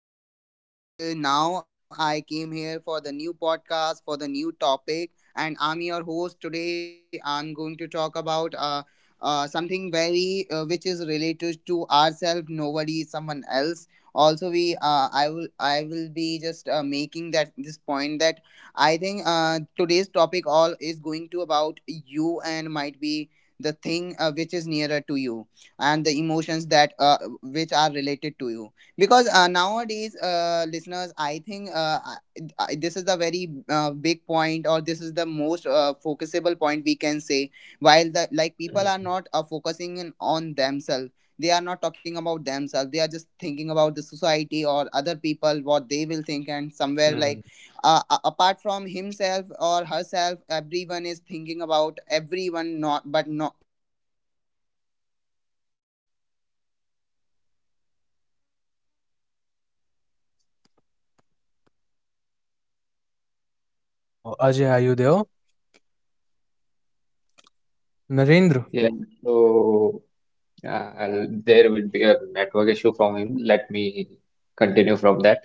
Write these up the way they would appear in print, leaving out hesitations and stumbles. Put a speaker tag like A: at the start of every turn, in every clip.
A: This side, and now I came here for the new podcast for the new topic, and I'm your host today. I'm going to talk about something very which is related to ourselves, nobody, someone else. Also, we I will be just making that this point that I think today's topic all is going about you and might be the thing which is nearer to you and the emotions that which are related to you because nowadays listeners I think this is the very big point or this is the most focusable point we can say while the like people are
B: Mhm.
A: not focusing on themselves. They are not talking about themselves, they are just thinking about the society or other people what they will think, and
B: Mhm.
A: somewhere like apart from himself or herself everyone is thinking about everyone not but not, yeah, no one is going to think about themselves. So I think, listeners, before disclosing the topic of discussion, or before we can say disclosing the topic of
C: Oh, Ajay, are
A: podcast,
C: you
A: I'm
C: there?
A: going you to introduce the both of the host. Uh,
C: Narendra.
A: my
B: Yeah,
A: uh, these are
B: so
A: Narendra and Prashant.
B: uh,
A: Hey, Prashant
B: there
A: and
B: will be a
A: Narendra.
B: network issue from him. Let me continue from that.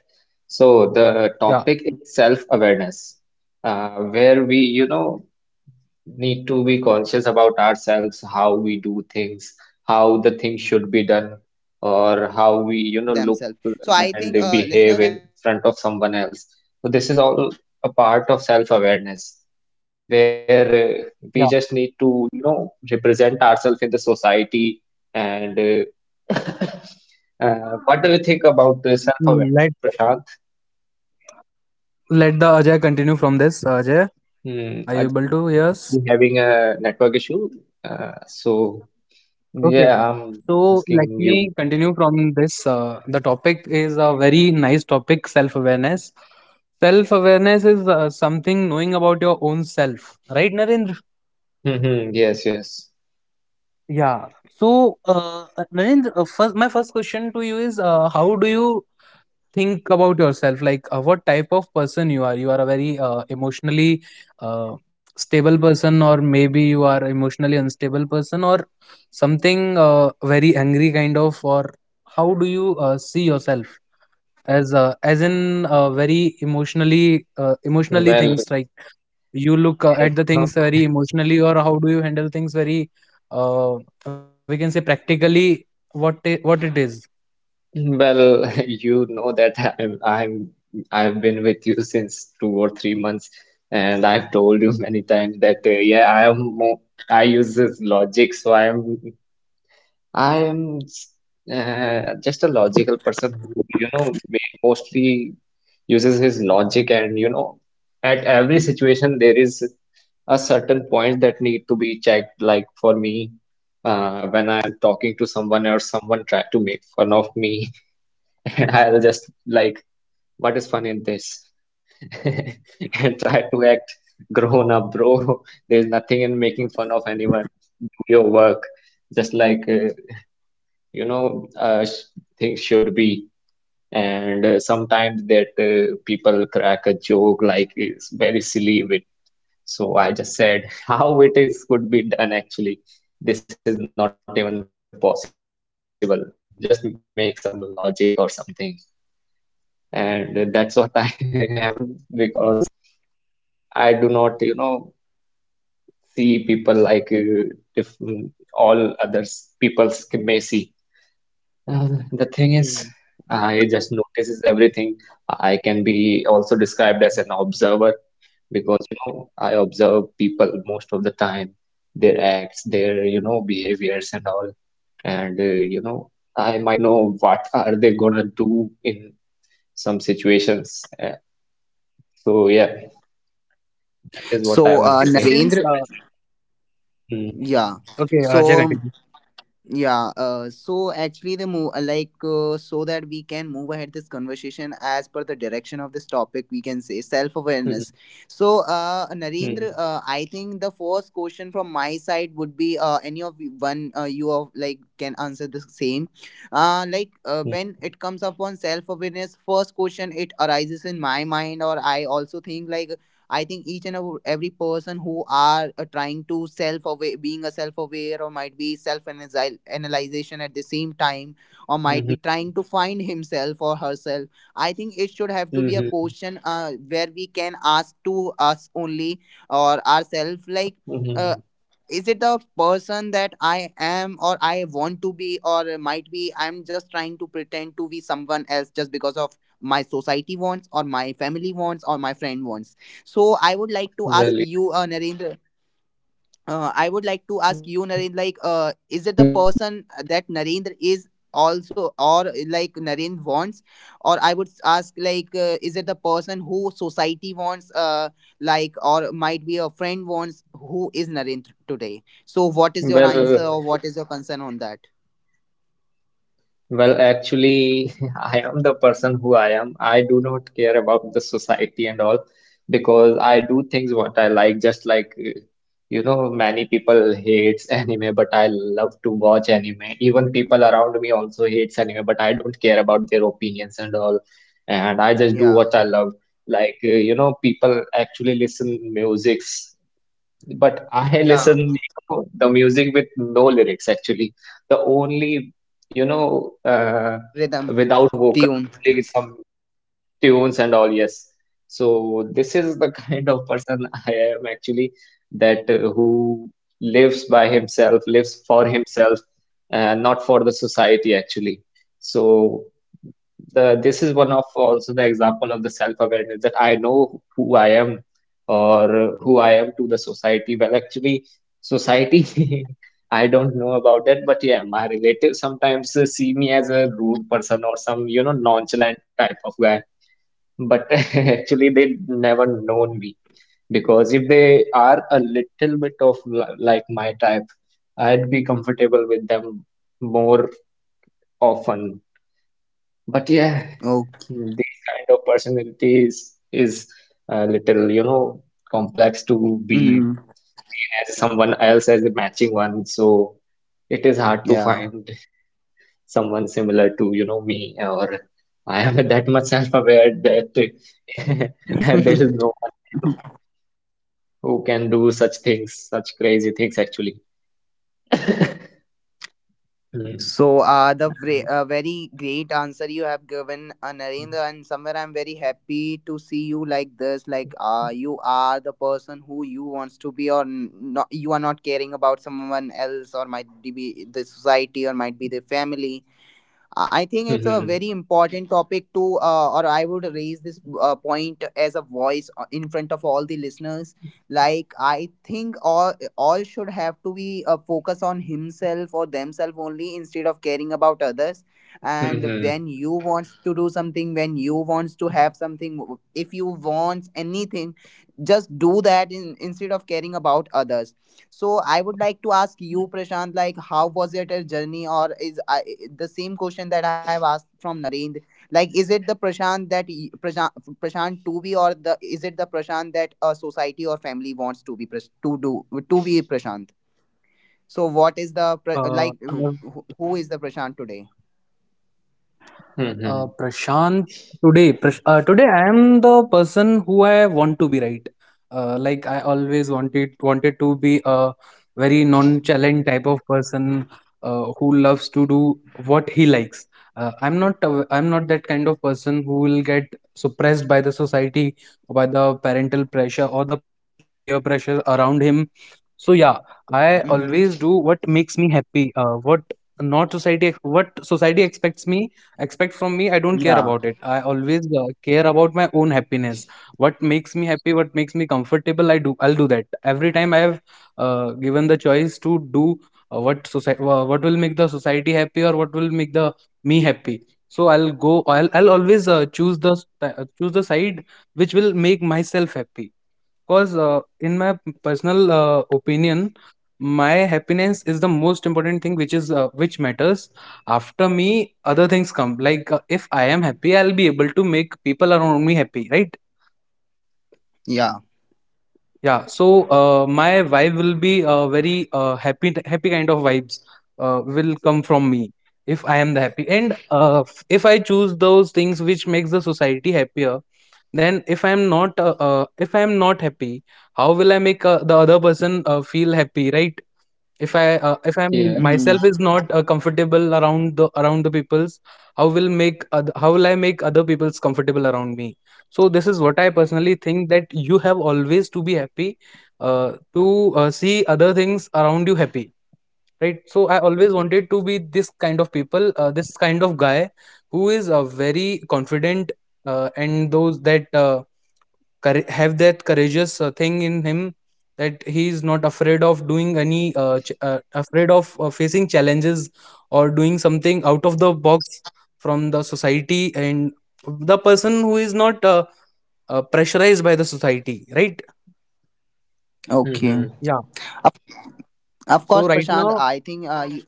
B: So the
C: Yeah,
B: topic is self-awareness, where we,
A: Hey,
B: you
A: Narendra and
B: know,
A: Prashant, are you aware?
B: need to be conscious about ourselves, how we do things, how the things should be done, or how we, you know, look and behave in front of someone else. So this is all a part of self-awareness, where uh, we
C: yeah.
B: just need to, you know, represent ourselves in the society. And uh,
A: Hello.
B: what do you think about
C: Let
B: self-awareness, Prashant?
C: let the Ajay continue from this. Ajay, are you
B: Hmm,
C: able to hear us?
B: Ajay might be having a network issue, so.
C: Okay.
B: Yeah, I'm
C: So let
B: asking
C: me
B: you.
C: continue from this. The topic is a very nice topic, self-awareness. Self-awareness is something knowing about your own self, right, Narendra?
B: Mhm. Yes, yes.
C: Yeah. So, Narendra, first, my first question to you is, how do you think about yourself? Like, what type of person you are? You are a very emotionally uh, stable person, or maybe you are emotionally unstable person, or something very angry kind of. Or how do you see yourself as in very emotionally emotionally things
B: Well,
C: like you look
B: well,
C: at
B: you
C: the things
B: know,
C: very emotionally or how do you handle things very uh, we can say practically what it is
B: well, you know that I've been with you since 2 or 3 months, and I've told you many times that, yeah, I use this logic, so I'm I am s- just a logical person who, you know, mostly uses his logic and, you know, at every situation there is a certain point that need to be checked. Like for me, when I'm talking to someone or someone try to make fun of me, I'll just like, what is fun in this? And try to act grown up, bro. There's nothing in making fun of anyone. Do your work. Just like you know things should be. And sometimes that people crack a joke like it's very silly with, so I just said how it is could be done actually. This is not even possible, just make some logic or something. And that's what I am, because I do not, you know, see people like if mm, all others people may see. Uh, the thing is,
C: okay
B: I just notices everything. I can be also described as an observer because, you know, I observe people most of the time, their acts, their, you know, behaviors and all. And, you know, I might know what are they gonna do in some situations. So yeah, that is what I
A: So,
C: it
B: wanna
C: seems
B: say for
A: Narendra,
B: myself. Hmm,
A: yeah.
C: okay Ajay
A: So,
C: continue
A: yeah. So actually, the move like so that we can move ahead this conversation as per the direction of this topic, we can say self awareness.
B: hmm,
A: So, Narendra,
B: hmm,
A: I think the first question from my side would be any of you- one you of like can answer the same. Like when it
B: hmm,
A: comes upon self awareness, first question it arises in my mind, or I also think like I think each and every person who are trying to self aware, being a self aware, or might be self analyzation at the same time, or
B: hmm,
A: might be
B: hmm, hmm,
A: trying to find himself or herself. I think it should have to be a
B: hmm,
A: question where we can ask to us only or ourselves, like.
B: hmm.
A: Uh,
B: hmm.
A: is it the person that I am or I want to be or might be I'm just trying to pretend to be someone else just because of my society wants or my family wants or my friend wants, so I would like to ask
B: Well,
A: you,
B: yeah.
A: Narendra. I would like to ask you, Narendra.
B: Well,
A: Like, is it the person that Narendra is also, or like Narendra wants, or I would ask, like, is it the person who society wants, like, or might be a friend wants, who is Narendra today? So, what is your
B: Well,
A: answer, or what is your concern on that?
B: well, actually, I am the person who I am. I do not care about the society and all, because I do things what I like, just like know, many people hates anime, but I love to watch anime. Even people around me also hates anime, but I don't care about their opinions and all. And I just do
A: Yeah,
B: what I love. Like you know, people actually listen musics. But I
C: maybe
A: yeah,
C: there
B: listen,
C: is
B: you
C: there are
B: know,
C: some
B: the
C: network
B: music with
C: issues around the
B: no
C: range.
B: lyrics actually. The only, you know,
A: rhythm,
B: without vocal,
A: tune.
B: only some tunes and all, yes. So this is the kind of person I am actually, that who lives by himself, lives for himself, not for the society actually. So the this is one of also the example of the self-awareness, that I know who I am, or who I am to the society. Well, actually, society, I don't know about that, but yeah, my relatives sometimes see me as a rude person or some, you know, nonchalant type of guy. But actually, they never known me, because if they are a little bit of like my type, I'd be comfortable with them more often. But yeah,
A: Oh,
B: these kind of personalities is a little, you know, complex to be
A: mm,
B: seen as someone else as a matching one. So it is hard to
A: yeah.
B: find someone similar to, you know, me. Or I am that much self-aware that there is no one, you know, who can do such things, such crazy things actually. Hmm.
A: So, uh, the vre-
B: Uh,
A: uh, very great answer you have given,
B: hmm.
A: Narendra, and somewhere I'm very happy to see you like this. Like, you are the person who you wants to be, or not. You are not caring about someone else, or might be the society, or might be the family. I think it's a
B: Mhm.
A: very important topic to, or I would raise this point as a voice in front of all the listeners. Like I think all should have to be a focus on himself or themselves only instead of caring about others. And
B: Mhm.
A: when you wants to do something, when you wants to have something, if you want anything, just do that instead of caring about others. So I would like to ask you, Prashant, like how was it a journey, or the same question that I have asked from Narendra? Like, is it the Prashant that Prashant to be, or the is it the Prashant that a society or family wants to be to be Prashant? So what is the who,
C: I've
A: who is the Prashant today?
B: Mhm.
C: Prashant, today, today I am the person who I want to be. Right, like I always wanted to be a very nonchalant type of person who loves to do what he likes. I'm not that kind of person who will get suppressed by the society, or by the parental pressure or the peer pressure around him. So yeah, I always
A: Mm-hmm.
C: do what makes me happy. What not society ex- what society expects me expect from me, I don't care
A: Yeah,
C: about it. I always care about my own happiness, what makes me happy, what makes me comfortable, I do. I'll do that every time. I have given the choice to do what society what will make the society happy or what will make the me happy. So I'll always choose the choose the side which will make myself happy because in my personal opinion, my happiness is the most important thing, which is which matters. After other things come. Like if I am happy, I'll be able to make people around me happy, right?
A: yeah.
C: Yeah, so my vibe will be very happy, happy kind of vibes will come from me if I am the happy. And if I choose those things which makes the society happier, then if I am not, if I am not happy, how will I make the other person feel happy, right? If I'm
B: Yeah.
C: myself
A: Mm-hmm.
C: is not comfortable around the people's, how will make how will I make other people's comfortable around me? So this is what I personally think, that you have always to be happy to see other things around you happy, right? So I always wanted to be this kind of people, this kind of guy who is very confident and those that have that courageous thing in him, that he is not afraid of doing any afraid of facing challenges or doing something out of the box from the society, and the person who is not pressurized by the society, right?
A: Okay.
B: Mhm.
C: Yeah,
A: Of, of
C: so
A: course,
C: right
A: Prashant.
C: now.
A: I think you.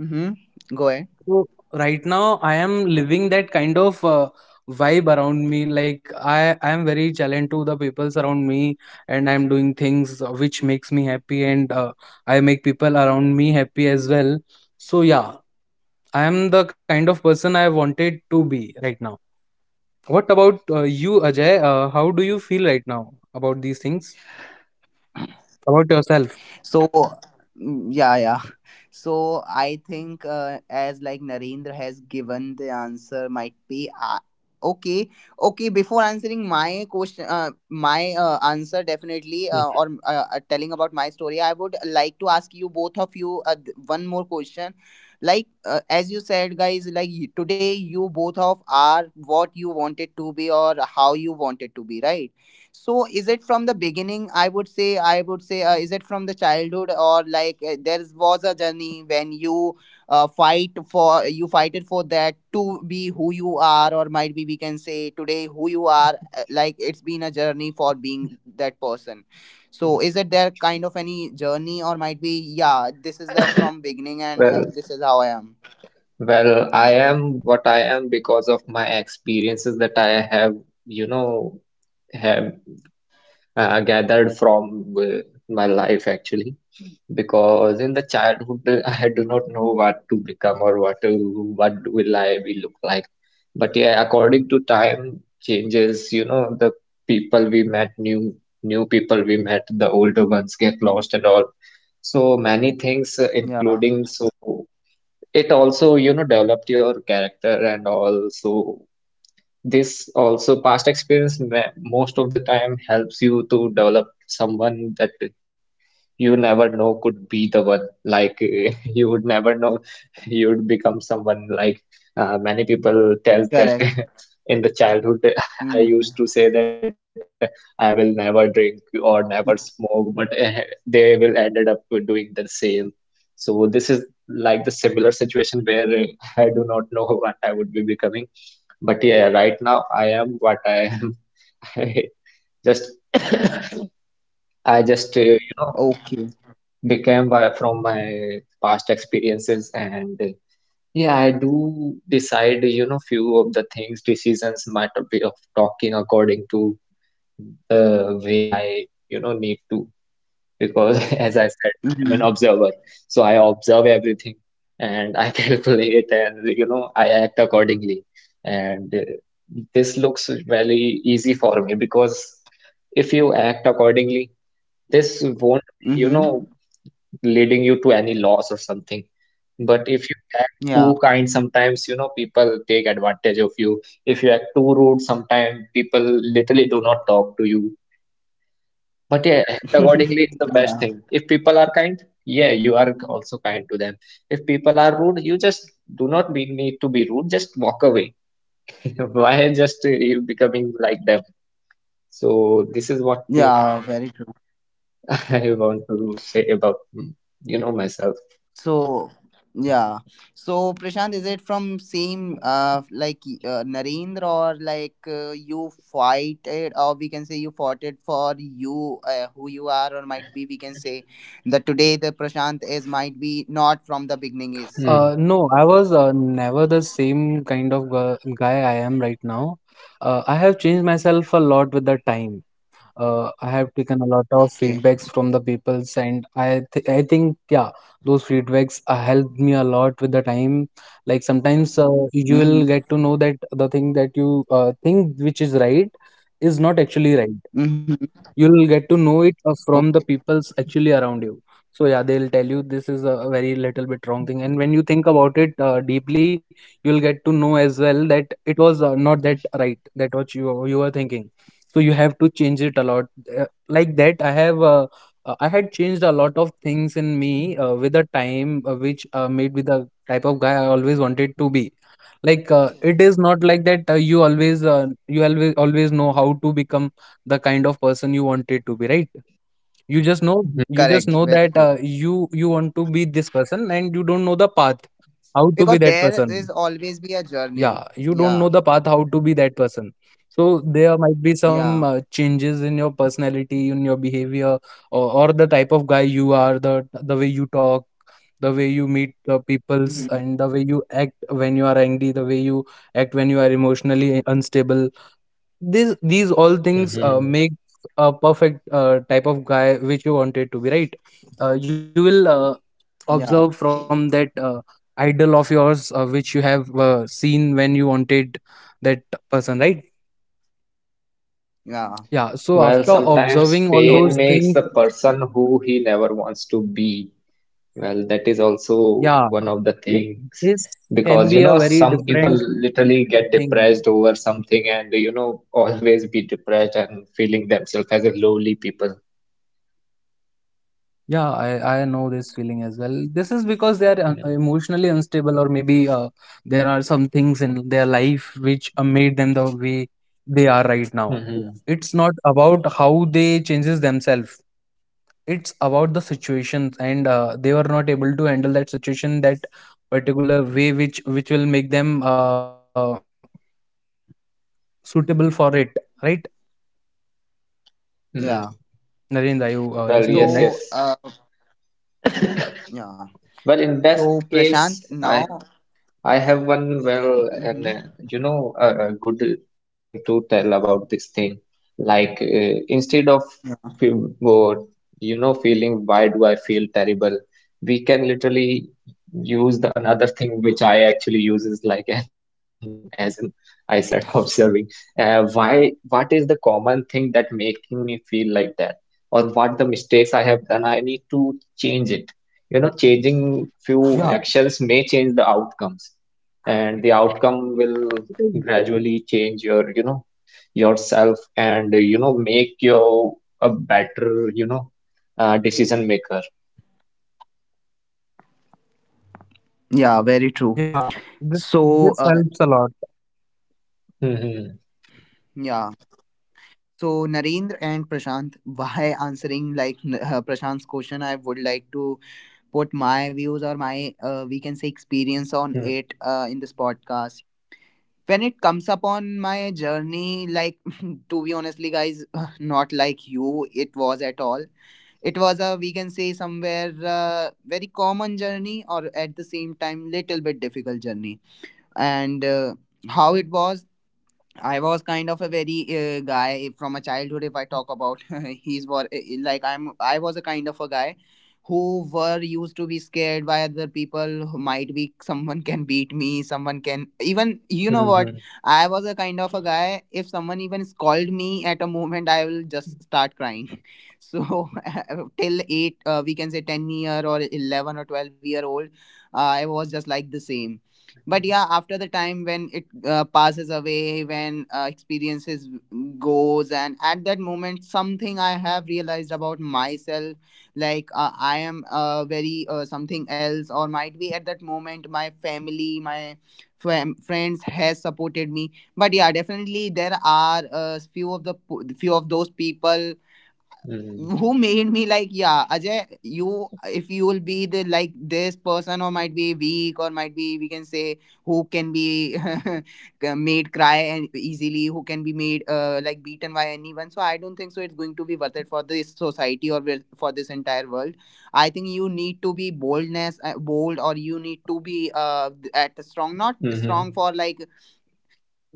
A: Mm-hmm. Go ahead.
C: So right now I am living that kind of vibe around me. Like I am very challenged to the peoples around me, and I am doing things which makes me happy, and I make people around me happy as well. So yeah, I am the kind of person I wanted to be right now. What about you, Ajay? How do you feel right now about these things? About yourself?
A: So, yeah, yeah. So I think as like Narendra has given the answer might be okay, okay, before answering my question, my answer definitely
B: Mhm.
A: or telling about my story, I would like to ask you both of you one more question. Like as you said guys, like you- today you both of are what you wanted to be or how you wanted to be, right? So is it from the beginning? I would say, is it from the childhood, or like there was a journey when you fight it for that to be who you are, or might be we can say today who you are. Like it's been a journey for being that person. So is it there kind of any journey, or might be yeah, this is the from beginning and
B: Well,
A: this is how I am.
B: well, I am what I am because of my experiences that I have, you know, have gathered from my life actually. Because in the childhood, I do not know what to become or what will I be look like. But yeah, according to time changes, you know, the people we met, new people we met, the older ones get lost and all. So many things,
A: Yeah,
B: including, so it also, you know, developed your character. And also this also past experience most of the time helps you to develop someone that you never know could be the one, like you would never know you would become someone like. Many people tells that
A: correct.
B: in the childhood I used
A: Mm.
B: to say that I will never drink or never smoke, but they will ended up doing the same. So this is like the similar situation where I do not know what I would be becoming. But yeah, right now I am what I am. just I just you know
A: Okay.
B: became by, from my past experiences. And yeah, I do decide, you know, few of the things, decisions might be of talking according to the way I, you know, need to, because as I said, I am
A: Mm-hmm.
B: an observer. So I observe everything, and I calculate and, you know, I act accordingly. And this looks very easy for me, because if you act accordingly, this won't be, you
A: Mm-hmm.
B: know, leading you to any loss or something. But if you act
A: Yeah.
B: too kind, sometimes you know people take advantage of you. If you act too rude, sometimes people literally do not talk to you. But yeah, act accordingly is the best
A: Yeah.
B: thing. If people are kind, yeah, you are also kind to them. If people are rude, you just do not be, need to be rude. Just walk away. Why just you becoming like them? So this is what
A: Yeah, very true.
B: I want to say about you know, myself.
A: So,
B: Hmm.
A: yeah. So, Prashant, is it from same like Narendra, or like you fight it, or we can say you fought it for you who you are, or might be we can say that today the Prashant is might be not from the beginning is.
B: Hmm.
C: No, I was never the same kind of guy I am right now. I have changed myself a lot with the time. I have taken a lot of
A: Okay.
C: feedbacks from the peoples, and I think yeah, those feedbacks helped me a lot with the time. Like sometimes you will
A: Mm-hmm.
C: get to know that the thing that you think which is right is not actually right.
A: Mm-hmm.
C: You'll get to know it from
A: Okay.
C: the people's actually around you. So yeah, they'll tell you this is a very little bit wrong thing, and when you think about it deeply, you'll get to know as well that it was not that right, that what you were thinking. So you have to change it a lot. uh, like that I had changed a lot of things in me with the time, which made me the type of guy I always wanted to be. Like it is not like that you always you always know how to become the kind of person you wanted to be, right? You just know.
B: Hmm.
C: You just
B: Hmm.
A: Correct.
C: know
A: Very
C: that
A: true.
C: you want to be this person and you don't know the path how to be
A: Because
C: that
A: there
C: person.
A: is always be a
C: Yeah,
A: journey.
C: you don't know
A: Yeah.
C: the path how
B: Mhm.
C: to be that person. So there might be some
A: Yeah.
C: changes in your personality, in your behavior, or the type of guy you are, the way you talk, the way you meet the peoples,
A: Mm-hmm.
C: and the way you act when you are angry, the way you act when you are emotionally unstable. This, these all things make a perfect type of guy which you wanted to be, right? You will
A: Yeah.
C: observe from that idol of yours which you have seen when you wanted that person, right?
A: Yeah.
C: Yeah. So
B: Well,
C: after observing
B: sometimes
C: all
A: So,
C: those
B: pain makes
C: things,
B: the person who he never wants to be. Well, that is also one
C: yeah,
B: of the things,
C: this
B: because you
C: can
B: know
C: be a
B: some
C: very
B: people
C: different
B: literally get
C: thing.
B: depressed over something, and you know always be depressed and feeling themselves as a lowly people.
C: Yeah, I know this feeling as well. This is because they are
B: Yeah.
C: emotionally unstable, or maybe there are some things in their life which made them the way they are right now.
B: Mm-hmm.
C: It's not about how they changes themselves. It's about the situations, and they were not able to handle that situation that particular way, which will make them suitable for it. Right, Narendra,
A: yeah.
B: Mm-hmm.
C: you listening to me, right?
B: Well, yes, yes.
A: So, yeah.
B: Well, in
A: So
B: that
A: Prashant,
B: case, I
A: now,
B: I have one well, and
A: hmm,
B: you know, a good thing to tell about this thing. Like, instead of
A: yeah,
B: oh, you know, feeling, why do I feel terrible? We can literally use the another thing which I actually use is like, as an, I said, observing. Why? What is the common thing that making me feel like that, or what the mistakes I have done? I need to change it. You know,
C: Yeah,
B: changing few actions may change the outcomes, and the outcome
C: it
B: will
C: is-
B: gradually change your, you know, yourself, and you know, make you a better, you know, decision maker.
C: yeah. This,
A: yeah,
C: this
A: very
C: helps a
A: true.
C: lot.
A: So
B: Mhm.
A: yeah, so Narendra and Prashant, why answering like Prashant's question, I would like to put my views or my we can say experience on
B: Mhm.
A: it in this podcast. When it comes upon my journey, like to be honestly, guys, not like you, it was at all. It was a we can say somewhere very common journey, or at the same time little bit difficult journey. And how it was, I was kind of a very guy from a childhood. If I talk about he's what, like I'm I was a kind of a guy who were used to be scared by other people, who might be someone can beat me, someone can
B: Mhm.
A: even you know what, I was a kind of a guy, if someone even scolded me at a moment I will just start crying. So till 8, we can say 10 year or 11 or 12-year old, I was just like the same. But yeah, after the time when it passes away, when experiences goes, and at that moment something I have realized about myself, like I am very something else, or might be at that moment my family my friends has supported me. But yeah, definitely there are few of those people
B: Mhm.
A: who made me like, yeah Ajay, you if you will be the like this person, or might be weak, or might be we can say who can be made cry and easily, who can be made like beaten by anyone, so I don't think so it's going to be worth it for this society for this entire world. I think you need to be boldness, bold, or you need to be at strong, not strong
B: Mhm.
A: for like,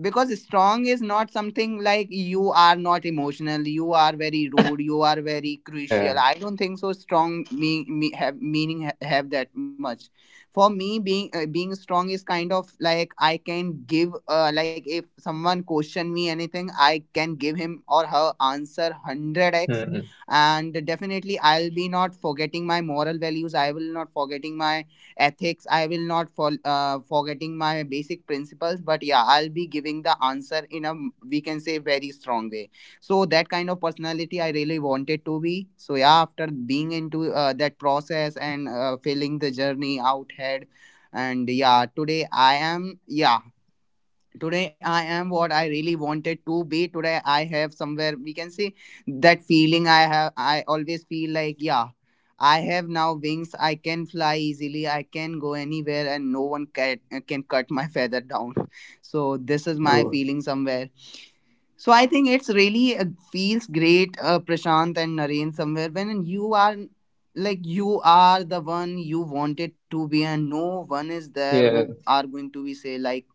A: because strong is not something like you are not emotional, you are very rude, you are very
B: yeah.
A: crucial. I don't think so strong have meaning have that much. For me, being being strong is kind of like I can give like if someone question me anything I can give him or her answer 100x,
B: Mm-hmm.
A: and definitely I'll be not forgetting my moral values, I will not forgetting my ethics, I will not forgetting my basic principles, but yeah I'll be giving the answer in a we can say very strong way. So that kind of personality I really wanted to be. So yeah, after being into that process and filling the journey out ahead, and yeah today I am, yeah, today I am what I really wanted to be. Today I have somewhere we can say that feeling I have, I always feel like yeah, I have now wings. I can fly easily. I can go anywhere and no one can cut my feather down. So this
B: Oh,
A: is my feeling somewhere. So I think it's really feels great, Prashant and Naren, somewhere when you are like you are the one you wanted to be, and no one is
B: yeah.
A: there who are going to be say like,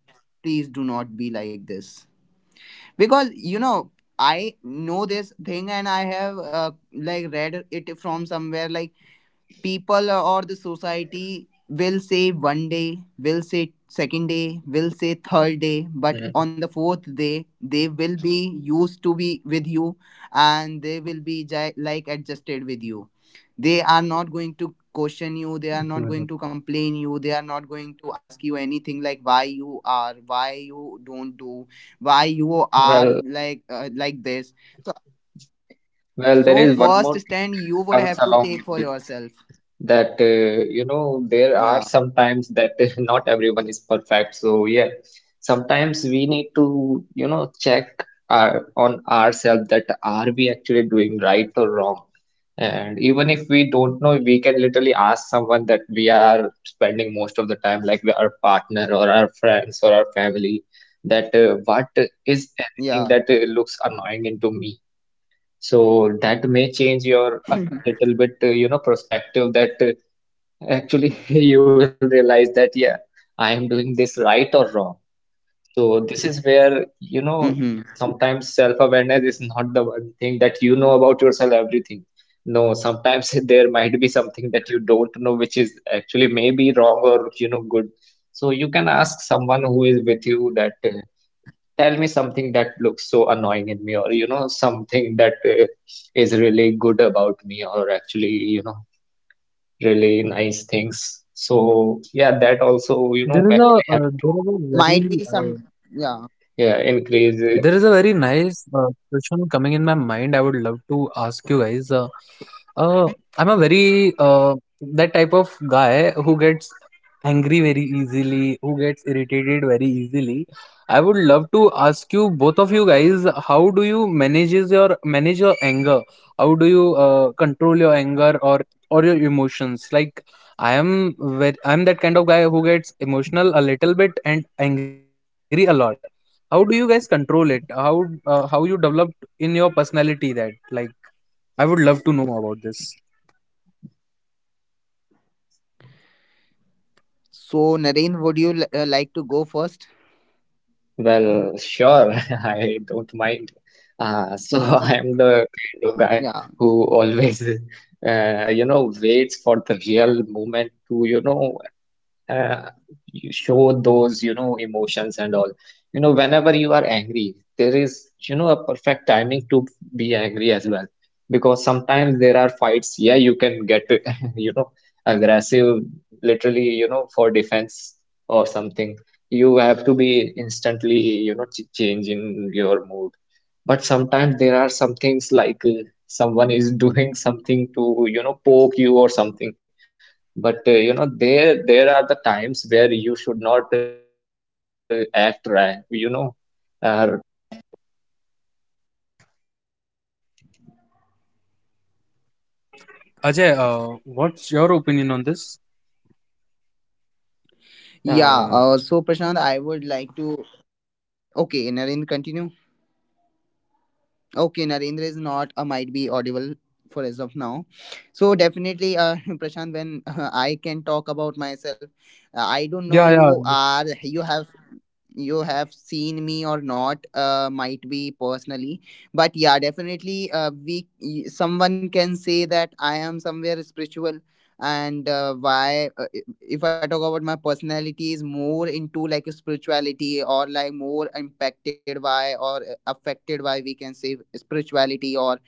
A: please do not be like this because you know I know this thing and I have like read it from somewhere like people or the society will say one day, will say second day, will say third day, but
B: mm,
A: on the fourth day they will be used to be with you and they will be like adjusted with you. They are not going to question you, they are not
B: mm.
A: going to complain you, they are not going to ask you anything like why you are, why you don't do, why you are
B: Well,
A: like this. so,
B: Well, there
A: so
B: is one more
A: first
B: thing
A: stand
B: that
A: you would
B: comes
A: have to
B: along
A: take
B: with
A: for
B: this,
A: yourself.
B: that you know, there are
A: Yeah,
B: sometimes that not everyone is perfect. So yeah, sometimes we need to, you know, check our, on ourselves, that are we actually doing right or wrong. And even if we don't know, we can literally ask someone that we are spending most of the time, like our partner or our friends or our family, that what is anything
A: yeah.
B: that looks annoying into me. So that may change your a little bit, you know, perspective, that actually you will realize that, yeah, I am doing this right or wrong. So this is where, you know,
A: Mm-hmm.
B: sometimes self-awareness is not the one thing that you know about yourself, everything. No, sometimes there might be something that you don't know, which is actually maybe wrong or, you know, good. So you can ask someone who is with you that. Tell me something that looks so annoying in me, or you know, something that is really good about me, or actually, you know, really nice things. So yeah, that also, you know,
C: There is
B: actually
C: a
B: help
C: very
B: to
A: Might be some, yeah.
B: yeah,
C: There is a
B: increase
C: very nice question coming in my mind. I would love to ask you guys. Uh, I'm a very that type of guy who gets angry very easily, who gets irritated very easily. I would love to ask you both of you guys, how do you manage your anger? How do you control your anger or your emotions? Like I am, very, I'm that kind of guy who gets emotional a little bit and angry a lot. How do you guys control it? How how you developed in your personality that, like, I would love to know about this.
A: So, Naren, would you like to go first?
B: Well, sure, I don't mind. So I'm the kind of guy
A: Yeah.
B: who always, waits for the real moment to, uh, you show those emotions and all. Whenever you are angry there is a perfect timing to be angry as well, because sometimes there are fights. Yeah, you can get you know aggressive, literally, for defense or something. You have to be instantly, ch change in your mood. But sometimes there are some things like, someone is doing something to poke you or something. But there are the times where you should not act rash,
C: Ajay, what's your opinion on this?
B: Ah,
A: Yeah. So, Prashant, I would like to. Okay, Naren, continue. Okay, Narendra is not a might be audible for as of now. So definitely, Prashant, when I can talk about myself, I don't know
C: yeah yeah
A: you are, you have, you have seen me or not, might be personally, but yeah, definitely, we someone can say that I am somewhere spiritual, and why if I talk about my personality, is more into like spirituality, or like more impacted by, or affected by, we can say, spirituality, or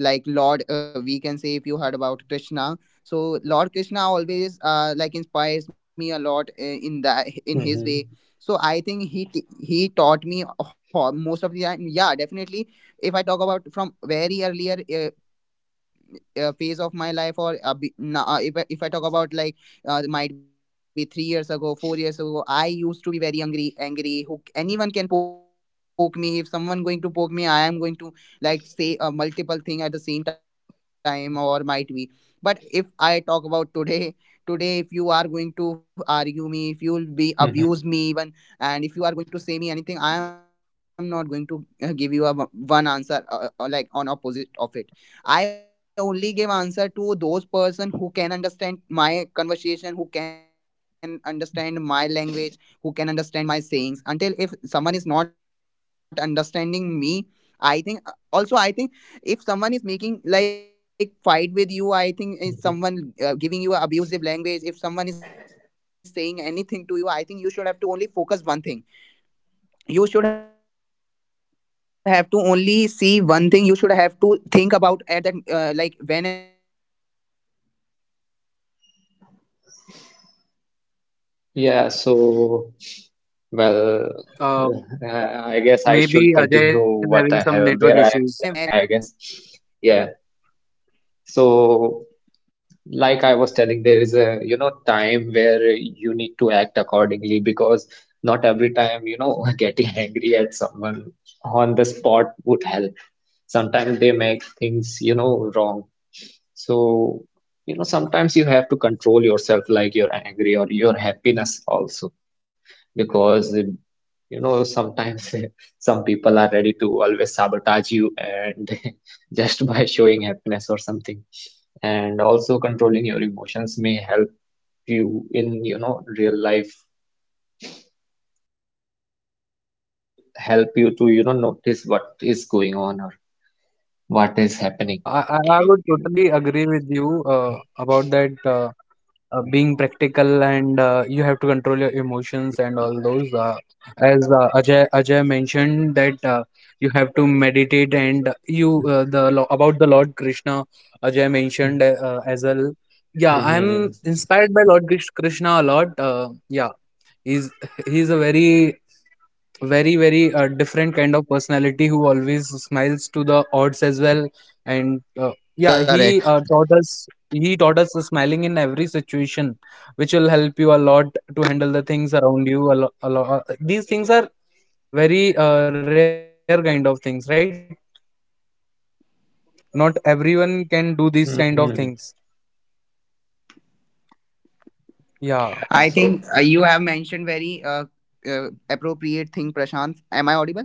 A: like Lord, we can say, if you heard about Krishna. So Lord Krishna always like inspires me a lot, in that,
B: mm-hmm,
A: in his way. So I think he he taught me most of the time. Yeah, definitely, if I talk about from very earlier, uh, phase of my life, or if, I, if I talk about, like, might be 3 years ago, 4 years ago, I used to be very angry. Angry, who, anyone can poke me, if someone going to poke me, I am going to like say multiple thing at the same time, or might be. But if I talk about today, today if you are going to argue me, if you'll be
B: mm-hmm,
A: abuse me even, and if you are going to say me anything, I am not going to give you a one answer, like on opposite of it. I only give answer to those person who can understand my conversation, who can understand my language, who can understand my sayings. Until if someone is not understanding me, I think, also I think, if someone is making like fight with you, I think if
B: hmm.
A: someone giving you abusive language, if someone is saying anything to you, I think you should have to only focus one thing, you should have to only see one thing, you should have to think about at that like whenever, like you are getting angry and your angerness is coming out of your
B: Yeah,
A: side, I think you should
B: so,
A: have to only think one
B: well,
A: time.
C: Uh,
A: what
B: uh, I
A: what
B: guess I should
C: Maybe Ajay
B: continue
C: is having
B: what
C: some
B: I
C: network
B: have, where I
C: issues.
B: have left, I guess. Yeah, so like I was telling, there is a, time where you need to act accordingly, because not every time, getting angry at someone on the spot would help. Sometimes they make things wrong. So sometimes you have to control yourself, like your are angry or your happiness also, because sometimes some people are ready to always sabotage you, and just by showing happiness or something. And also controlling your emotions may you in real life help you to
C: Yeah, Narendra,
B: notice
C: being
B: what is going
C: practicals.
B: on or what is happening
C: Yeah, I I would
B: around you.
C: totally agree with you uh, about that.
B: Mhm.
C: Being practical and you have to control your emotions
B: Mhm.
C: and all
B: Well,
C: those, as Ajay, Ajay mentioned that you have to meditate and you the about the Lord Krishna, Ajay mentioned as well. Yeah,
B: mhm.
C: inspired by Lord Krishna a lot, yeah. he's he's a very, different kind of personality, who always smiles to the odds as well. And yeah, he
A: Correct.
C: taught us, he taught us smiling in every situation, which will help you a lot to handle the things around you a lot. These things are very rare kind of things, right? Not everyone can do these kind of things.
B: Mhm.
C: Yeah
A: I
B: Yeah,
A: think
B: so,
A: you have mentioned very appropriate thing, Prashant. Am I audible?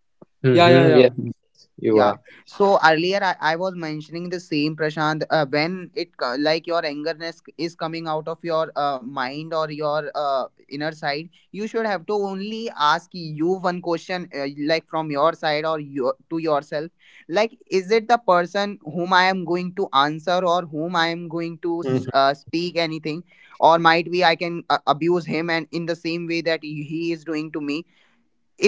C: Yeah yeah.
B: mhm, yes, yes, you
A: Yeah.
B: are.
A: So earlier I was mentioning the same, Prashant, when it like your angerness is coming out of your mind or your inner side, you should have to only ask you one question, like from your side or your, to yourself, like, is it the person whom I am going to answer or whom I am going to
B: Mhm,
A: speak anything, or might be I can abuse him, and in the same way that he is doing to me.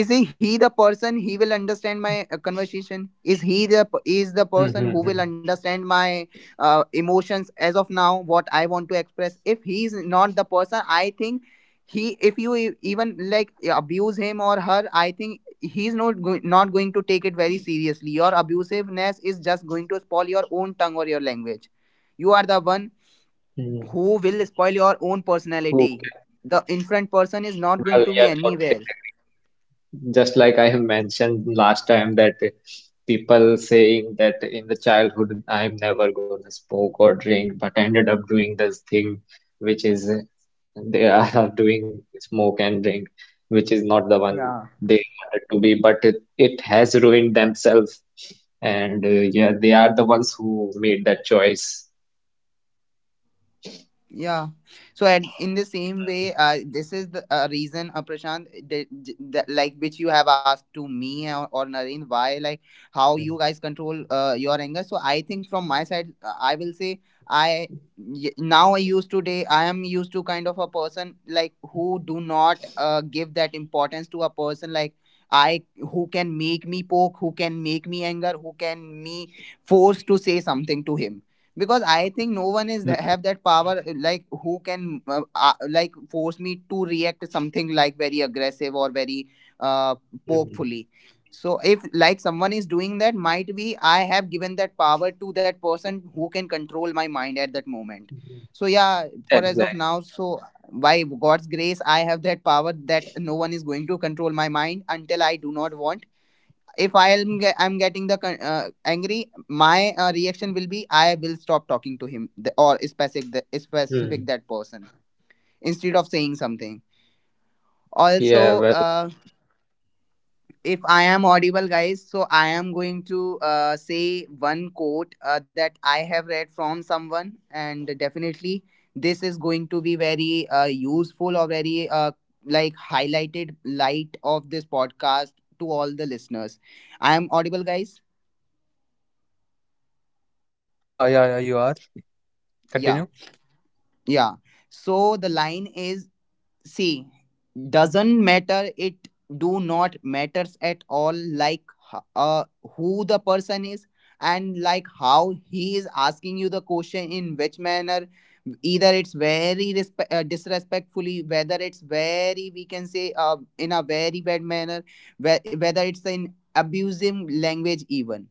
A: Is he the person, he will understand my conversation? Is he the is the person who will
B: mhm,
A: understand my emotions as of now, what I want to express? If he is not the person, I think, he, if you even like abuse him or her, I think he's not going to take it very seriously. Your abusiveness is just going to spoil your own tongue or your language. You are the one
B: mhm.
A: who will spoil your own
B: Who
A: personality.
B: can?
A: The in front person is not going
B: Well,
A: to be
B: yeah, totally
A: anywhere.
B: agree. Just like I have mentioned last time that people saying that in the childhood I'm never gonna smoke or drink, but ended up doing this thing, which is they are doing smoke and drink, which is not the one
A: Yeah.
B: they wanted to be, but it has ruined themselves, and yeah, they are the ones who made that choice.
A: Yeah. So at in the same
B: Hmm.
A: way, this is the reason, Prashant, that like which you have asked to me, or Naren, why, like, how you
B: Mhm.
A: guys control your anger. So I think from my side, I will say, I, now I used, today I am used to kind of a person like who do not give that importance to a person like I, who can make me poke, who can make me anger, who can me force to say something to him. Because I think no one is that have
B: Mhm.
A: that power, like, who can like force me to react to something like very aggressive or very uh,
B: Mhm.
A: pokefully. So if like someone is doing that, might be I have given that power to that person who can control my mind at that moment. So yeah, for as of now.
B: Exactly.
A: So by god's grace I have that power that no one is going to control my mind until I do not want. If I am I'm getting the angry, my reaction will be, I will stop talking to him, or specific, the specific
B: Hmm.
A: that person, instead of saying something.
B: Yeah,
A: Also,
B: well,
A: uh, if I am audible guys, so I am going to say one quote that I have read from someone. And definitely this is going to be very useful, or very like highlighted light of this podcast to all the listeners. I am audible, guys?
C: Yeah, yeah, yeah, you are.
A: Yeah.
C: Continue.
A: Yeah. So the line is, see, doesn't matter, it do not matters at all, like, h- uh, who the person is, and like how he is asking you the question, in which manner. Either it's very disrespectfully, whether it's very, we can say, in a very bad manner, whether it's in abusive language, even.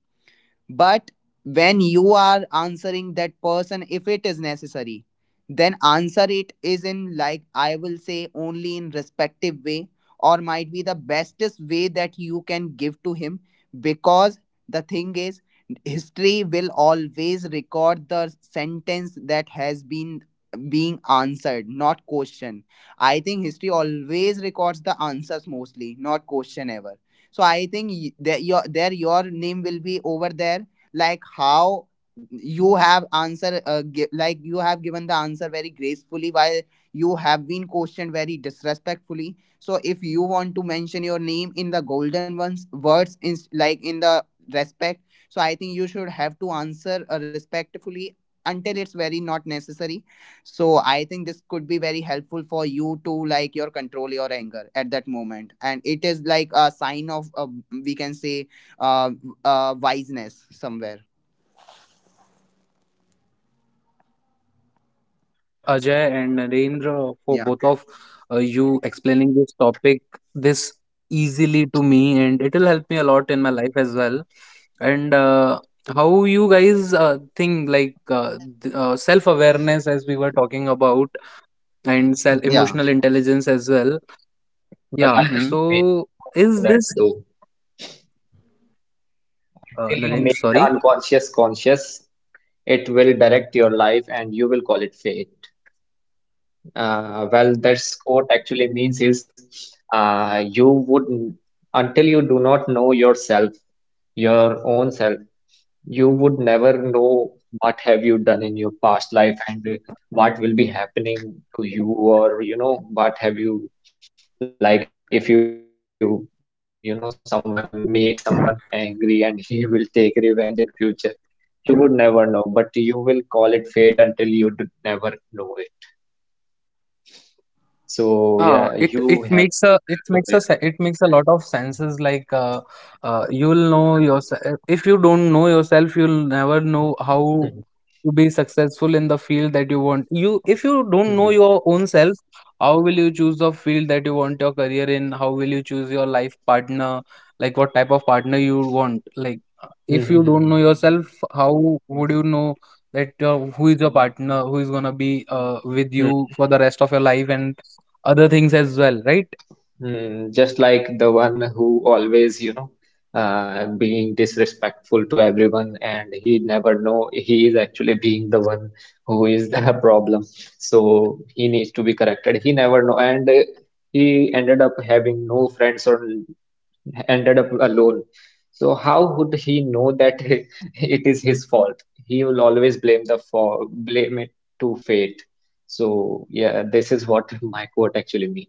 A: But when you are answering that person, if it is necessary, then answer it is in, like, I will say, only in respective way, or might be the bestest way that you can give to him. Because the thing is, history will always record the sentence that has been being answered, not question. I think history always records the answers mostly, not question ever. So I think, that your, there your name will be over there. Like how you have like you have given the answer very gracefully while you have been questioned very disrespectfully. So if you want to mention your name in the golden ones words, in like in the respect, so I think you should have to answer respectfully, until it's very not necessary. So I think this could be very helpful for you to like your control your anger at that moment, and it is like a sign of we can say, uh, wiseness somewhere.
C: Thank you very much, Ajay and Narendra, for
A: Yeah,
C: both of you explaining this topic this easily to me, and it will help me a lot in my life as well. And how you guys think, like self-awareness, as we were talking about, and self
B: well,
A: yeah.
C: emotional intelligence as well.
B: well, I
C: Yeah.
B: have a
A: Hmm.
B: basic
C: So,
B: quote for
C: is
B: that
C: this
B: though. Until you make
C: Narendra?
B: the
C: Sorry.
B: unconscious conscious, it will direct your life and you will call it fate. Well, that's quote actually means is, you would, until you do not know yourself, your own self, you would never know what have you done in your past life, and what will be happening to you, or what have you, like if you, you know someone make someone angry and he will take revenge in future, you would never know, but you will call it fate until you d never know it. So yeah, you have to be self-aware
C: Yeah, it
B: and
C: it makes a lot of senses, like
B: mhm,
C: you'll know yourself. If you don't know yourself, you'll
B: mhm,
C: never know how to be successful in the field that you want. You
B: mhm,
C: If you don't know your own self, how will you choose the field that you want your career in? How will you choose your life partner? Like what type of partner you want. Like
B: mhm,
C: if you don't
B: mhm,
C: know yourself, how would you know that who is your partner, who is gonna be with
B: mhm,
C: you for the
B: mhm.
C: rest of your life, and other things as well, right?
B: Mm, just like the one who always, being disrespectful to everyone, and he never know he is actually being the one who is the problem. So he needs to be corrected. He never know, and he ended up having no friends or ended up alone. So how would he know that it is his fault? He will always blame the for blame it to fate. So yeah, this is what my quote actually means.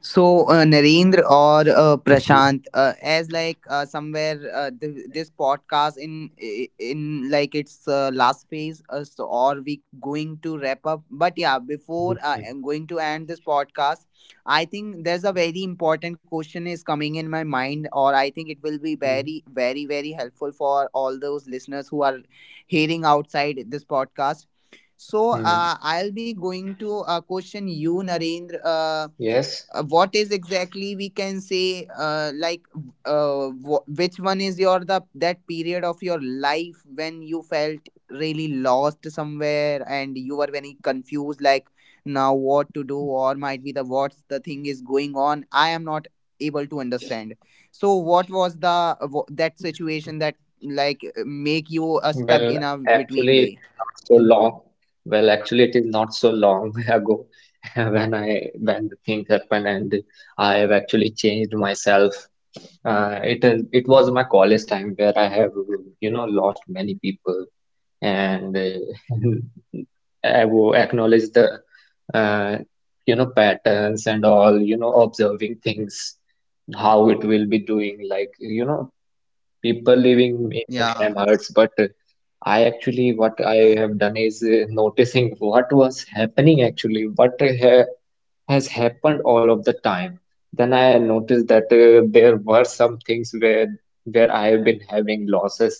A: So, Narendra or Prashant, as like somewhere this podcast in, in like its last phase, so are we going to wrap up? But yeah, before
B: Hmm.
A: I'm going to end this podcast, I think there's a very important question is coming in my mind, or I think it will be very, very, very helpful for all those listeners who are hearing outside this podcast. So,
B: Mm-hmm.
A: I'll be going to question you, Narendra.
B: Yes.
A: What is
C: Maybe
A: exactly we
C: Ajay is
A: can
C: having
A: say
C: network issues again.
A: which one is your the
C: Narendra,
A: that period of your life when you felt really lost somewhere
C: Narendra,
A: and you were
C: maybe
A: very
C: Ajay is
A: confused,
C: having
A: like,
C: network
A: now
C: issues.
A: what to do, or might be the, what's the thing is going on, I am not able to understand. So what was the that situation that, like, make you stuck in
B: Well,
A: a between
B: actually,
A: way?
B: it is not so long. Well, actually, it is not so long ago when I, when the things happened and I have actually changed myself. It is it was my college time where I have lost many people, and I will acknowledge the, uh, patterns and all, observing things, how it will be doing, like, people leaving me
A: Yeah,
B: sometimes hurts. But I actually what I have done is, noticing what was happening, actually what ha has happened all of the time. Then I noticed that, there were some things where I have been having losses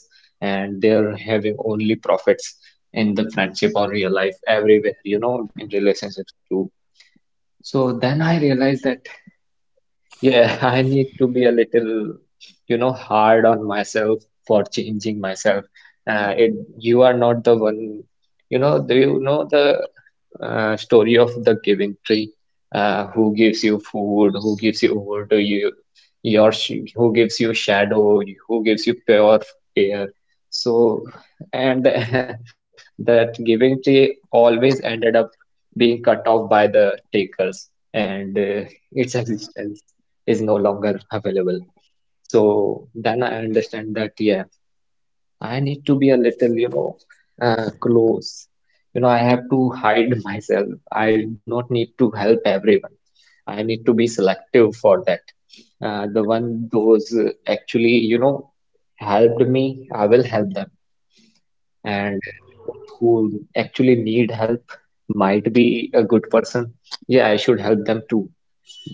B: and they're having only profits in the friendship or real life, everywhere, in relationships too. So then I realized that yeah, I need to be a little, hard on myself for changing myself. It, you are not the one, do you know the, story of the giving tree, who gives you food, who gives you over to you your who gives you shadow, who gives you pure air. So, and that giving tree always ended up being cut off by the takers, uh, its existence is no longer available. So then I understand that yeah, I need to be a little, close. You know, I have to hide myself. I do not need to help everyone. I need to be selective for that. The one those actually, helped me, I will help them. And those who actually need help might be a good person. Yeah, I should help them too.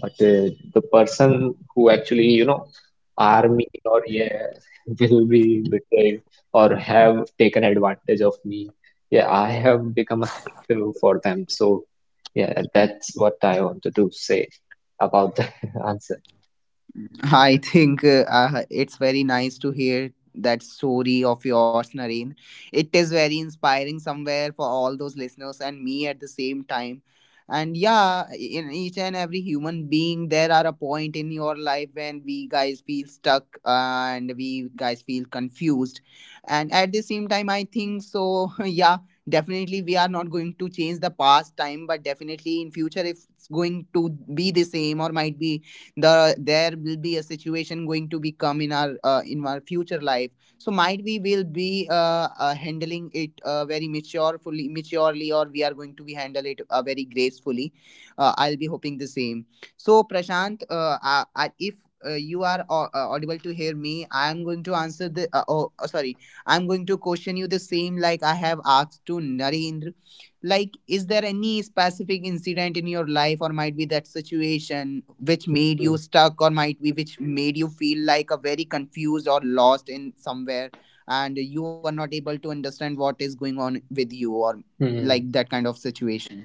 B: But the person who actually, are mean or yeah, will be betraying or have taken advantage of me, yeah, I have become a selective for them. So, yeah, that's what I wanted to say about the answer.
A: I think, it's very nice to hear that story of yours, Narendra. It is very inspiring somewhere for all those listeners and me at the same time. And yeah, in each and every human being, there are a point in your life when we guys feel stuck and we guys feel confused. And at the same time, I think so. Yeah, definitely we are not going to change the past time, but definitely in future, if it's going to be the same or might be there will be a situation going to become in our future life, so might we will be handling it very maturefully, maturely, or we are going to be handle it very gracefully. I'll be hoping the same. So Prashant, if you are audible to hear me, I'm going to answer the sorry, I'm going to question you the same like I have asked to Narendra. Like, is there any specific incident in your life, or might be that situation which made
B: Mm-hmm.
A: you stuck, or might be which made you feel like a very confused or lost in somewhere, and you are not able to understand what is going on with you, or
B: Mm-hmm.
A: like that kind of situation.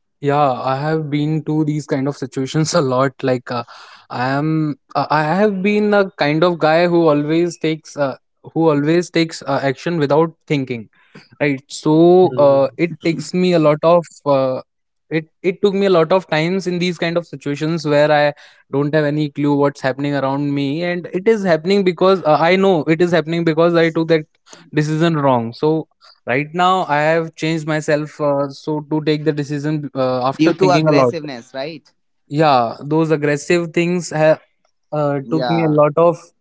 C: Yeah, I have been to these kind of situations a lot. Like I have been a kind of guy who always takes action without thinking. Right. So
B: Mm-hmm.
C: it takes me a lot of it it took me a lot of times in these kind of situations where I don't have any clue what's happening around me, and it is happening because I know it is happening because I took that decision wrong. So right now I have changed myself, so to take the decision
A: Due
C: after
A: to
C: thinking a lot.
A: aggressiveness, right?
C: Yeah, those aggressive things have
A: Yeah.
C: took me a lot of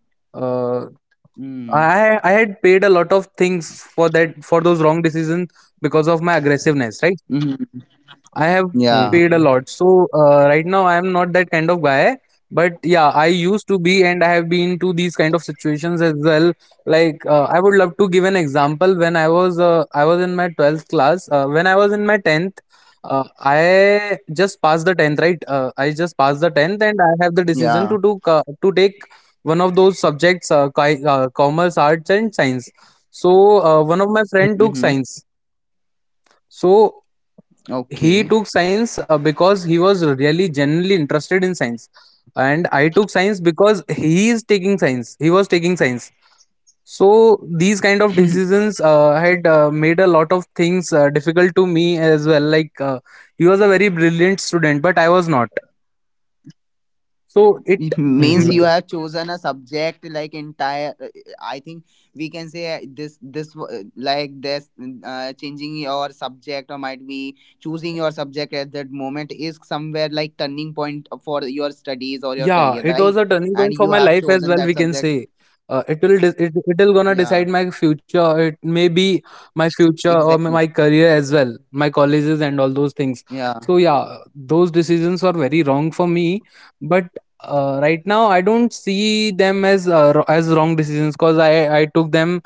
C: uh,
A: mm.
C: had paid a lot of things for that, for those wrong decisions because of my aggressiveness, right?
A: Hmm.
C: I have paid
A: Yeah,
B: Mm-hmm.
C: a lot. So right now I am not that kind of guy. But yeah, I used to be, and I have been to these kind of situations as well. Like I would love to give an example. When I was in my 12th class. When I was in my tenth, I just passed the tenth. Right, just passed the tenth, and I have the decision
A: yeah.
C: to take one of those subjects, commerce, arts, and science. So one of my friend took
A: Mm-hmm.
C: science. So
A: Okay.
C: he took science because he was really genuinely interested in science, and I took science because he was taking science. So these kind of decisions had made a lot of things difficult to me as well. Like he was a very brilliant student, but I was not. So it.
A: It means you
B: Mm-hmm.
A: have chosen a subject like entire I think we can say, like this changing your subject, or might be choosing your subject at that moment, is somewhere like turning point for your studies or your
C: Yeah,
A: career,
C: it was
A: right?
C: a turning
A: And
C: point for
A: you
C: my
A: have
C: life as
A: chosen
C: well.
A: that
C: We can
A: subject.
C: say it'll gonna
A: Yeah,
C: decide my future. It may be my future or
A: exactly.
C: my career as well, my colleges and all those things.
A: Yeah.
C: So yeah, those decisions are very wrong for me. But right now, I don't see them as as wrong decisions because I took them.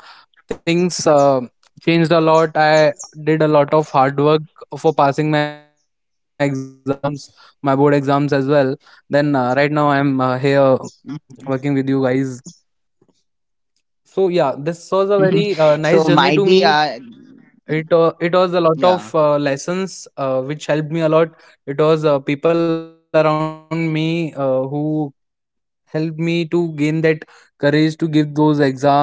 C: Things changed a lot. I did a lot of hard work for passing my exams, my board exams as well. Then right now I'm here working with you guys. So yeah, this was a very nice journey to
A: So
C: me.
A: might be uh,
C: It it was a lot of
A: yeah.
C: lessons which helped me a lot. It was people around me who helped me to gain that courage to give those exams and pass them all.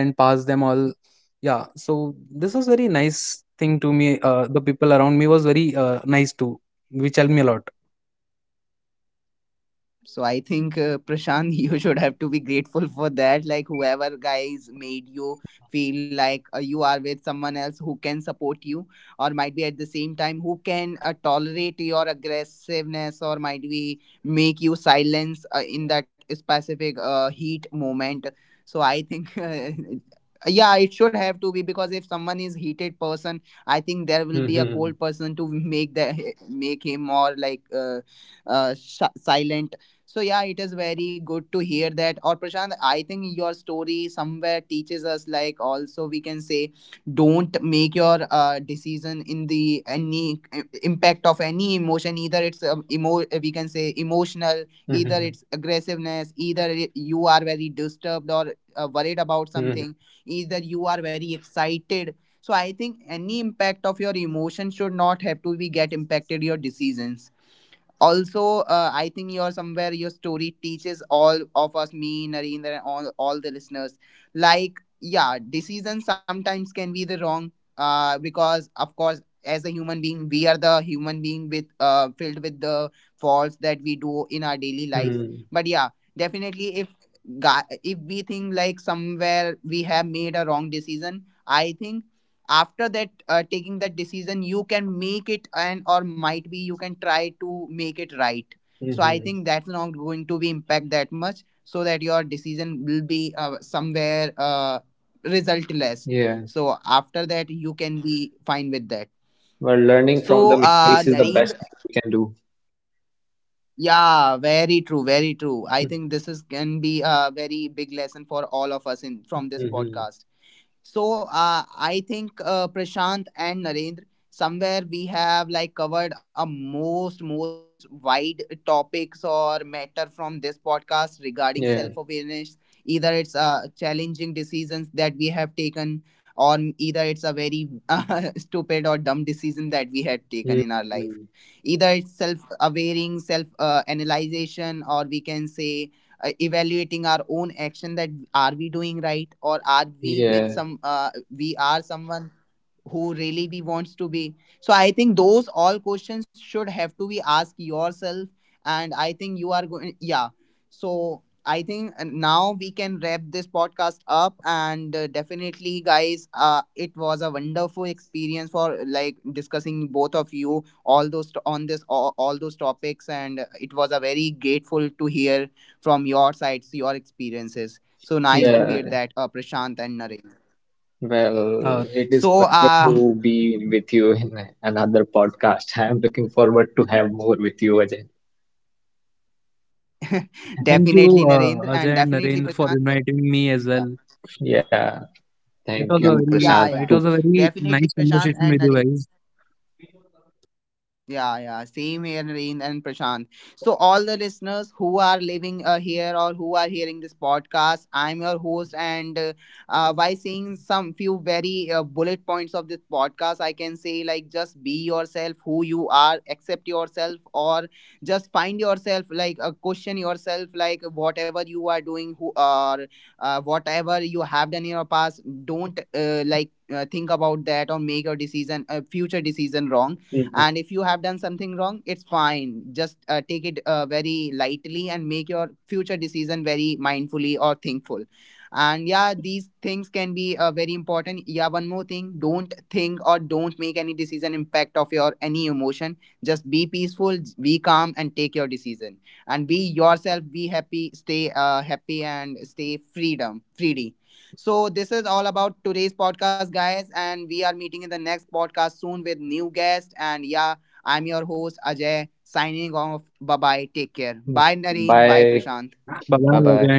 C: Yeah, so this was very nice thing to me. The people around me was very nice too, which helped me a lot.
A: So I think Prashant, you should have to be grateful for that. Like whoever guys made you
B: Mhm.
A: feel like you are with someone else who can support you, or might be at the same time who can tolerate your aggressiveness, or might be make you silence in that specific heat moment. So I think. Yeah, it should have to be, because if someone is heated person, I think there will
B: Mhm.
A: be a cold person to make the make him more like silent. So yeah, it is very good to hear that. Or Prashant, I think your story somewhere teaches us, like also we can say, don't make your decision in the any impact of any emotion. Either it's emo we can say emotional, either it's
B: Mhm.
A: aggressiveness, either you are very disturbed or worried about something,
B: Mhm.
A: either you are very excited. So I think any impact of your emotion should not have to be get impacted your decisions. Also I think you're somewhere your story teaches all of us, me, Narendra, and all the listeners, like, yeah, decisions sometimes can be the wrong, because of course as a human being, we are the human being with filled with the faults that we do in our daily lives.
B: Mhm.
A: But yeah, definitely, if if we think like somewhere we have made a wrong decision, I think after that taking that decision, you can make it, and or might be you can try to make it right. So I
B: Mhm.
A: think that's not going to be impact that much, so that your decision will be somewhere resultless.
B: Yeah.
A: So after that you can be fine with that.
B: Well, learning from the mistakes
A: So
B: is the best thing we can
A: Narendra,
B: do.
A: yeah, very true, very true. I think this is can be a very big lesson for all of us in from this
B: Mm-hmm.
A: podcast. So I think Prashant and Narendra, somewhere we have like covered a most, most, most wide topics or matter from this podcast regarding
B: Yeah.
A: self-awareness. Either it's challenging decisions that we have taken, or either it's a very stupid or dumb decision that we had taken in our life.
B: Mm-hmm.
A: Either it's self awareing self-analyzation, or we can say evaluating our own action, that are we doing right, or are we with
B: Yeah.
A: some we are someone who really we wants to be. So I think those all questions should have to be asked yourself. And I think you are going, yeah. So I think now we can wrap this podcast up. And definitely guys, it was a wonderful experience for like discussing both of you all those on this all those topics. And it was a very grateful to hear from your sides, your experiences. So nice to hear
B: Yeah.
A: that, Prashant and Naresh.
C: Uh,
B: Well, it is
A: So
B: pleasure to be with you in another podcast. I am looking forward to have more with you, Ajay.
C: Thank you, Ajay and
A: definitely
C: Narendra,
A: Narendra
C: for
A: and
C: inviting
A: definitely
C: me
A: Prashant.
C: as well.
A: Yeah,
B: Yeah.
C: It was a very,
B: Thank
C: it
A: yeah,
B: you,
C: was a
A: yeah,
B: Prashant,
C: very
A: yeah.
C: nice
B: too.
C: conversation with
A: Definitely
C: you guys.
A: Prashant and Narendra. Yeah, yeah, same here, Nareen and Prashant. So, all the listeners who are living here or who are hearing this podcast, I'm your host, and by saying some few very bullet points of this podcast, I can say like just be yourself, who you are, accept yourself, or just find yourself, like question yourself, like whatever you are doing, who or whatever you have done in your past, don't think about that or make your decision, future decision wrong. And
B: Mm-hmm.
A: if you have done something wrong, it's fine, just take it very lightly and make your future decision very mindfully or thankful. And yeah, these things can be very important. Yeah, one more thing, don't think or don't make any decision impact of your any emotion. Just be peaceful, be calm, and take your decision. And be yourself, be happy, stay happy, and stay freedom free. So this is all about today's podcast, guys, and we are meeting in the next podcast soon with new guest. And yeah, I'm your host Ajay signing off. Bye bye. Take care. Bye
B: Mm-hmm.
A: Narendra. Bye
C: Bye
B: Bye.
A: Prashant.
C: bye again,
B: Bye-bye.
C: Narendra.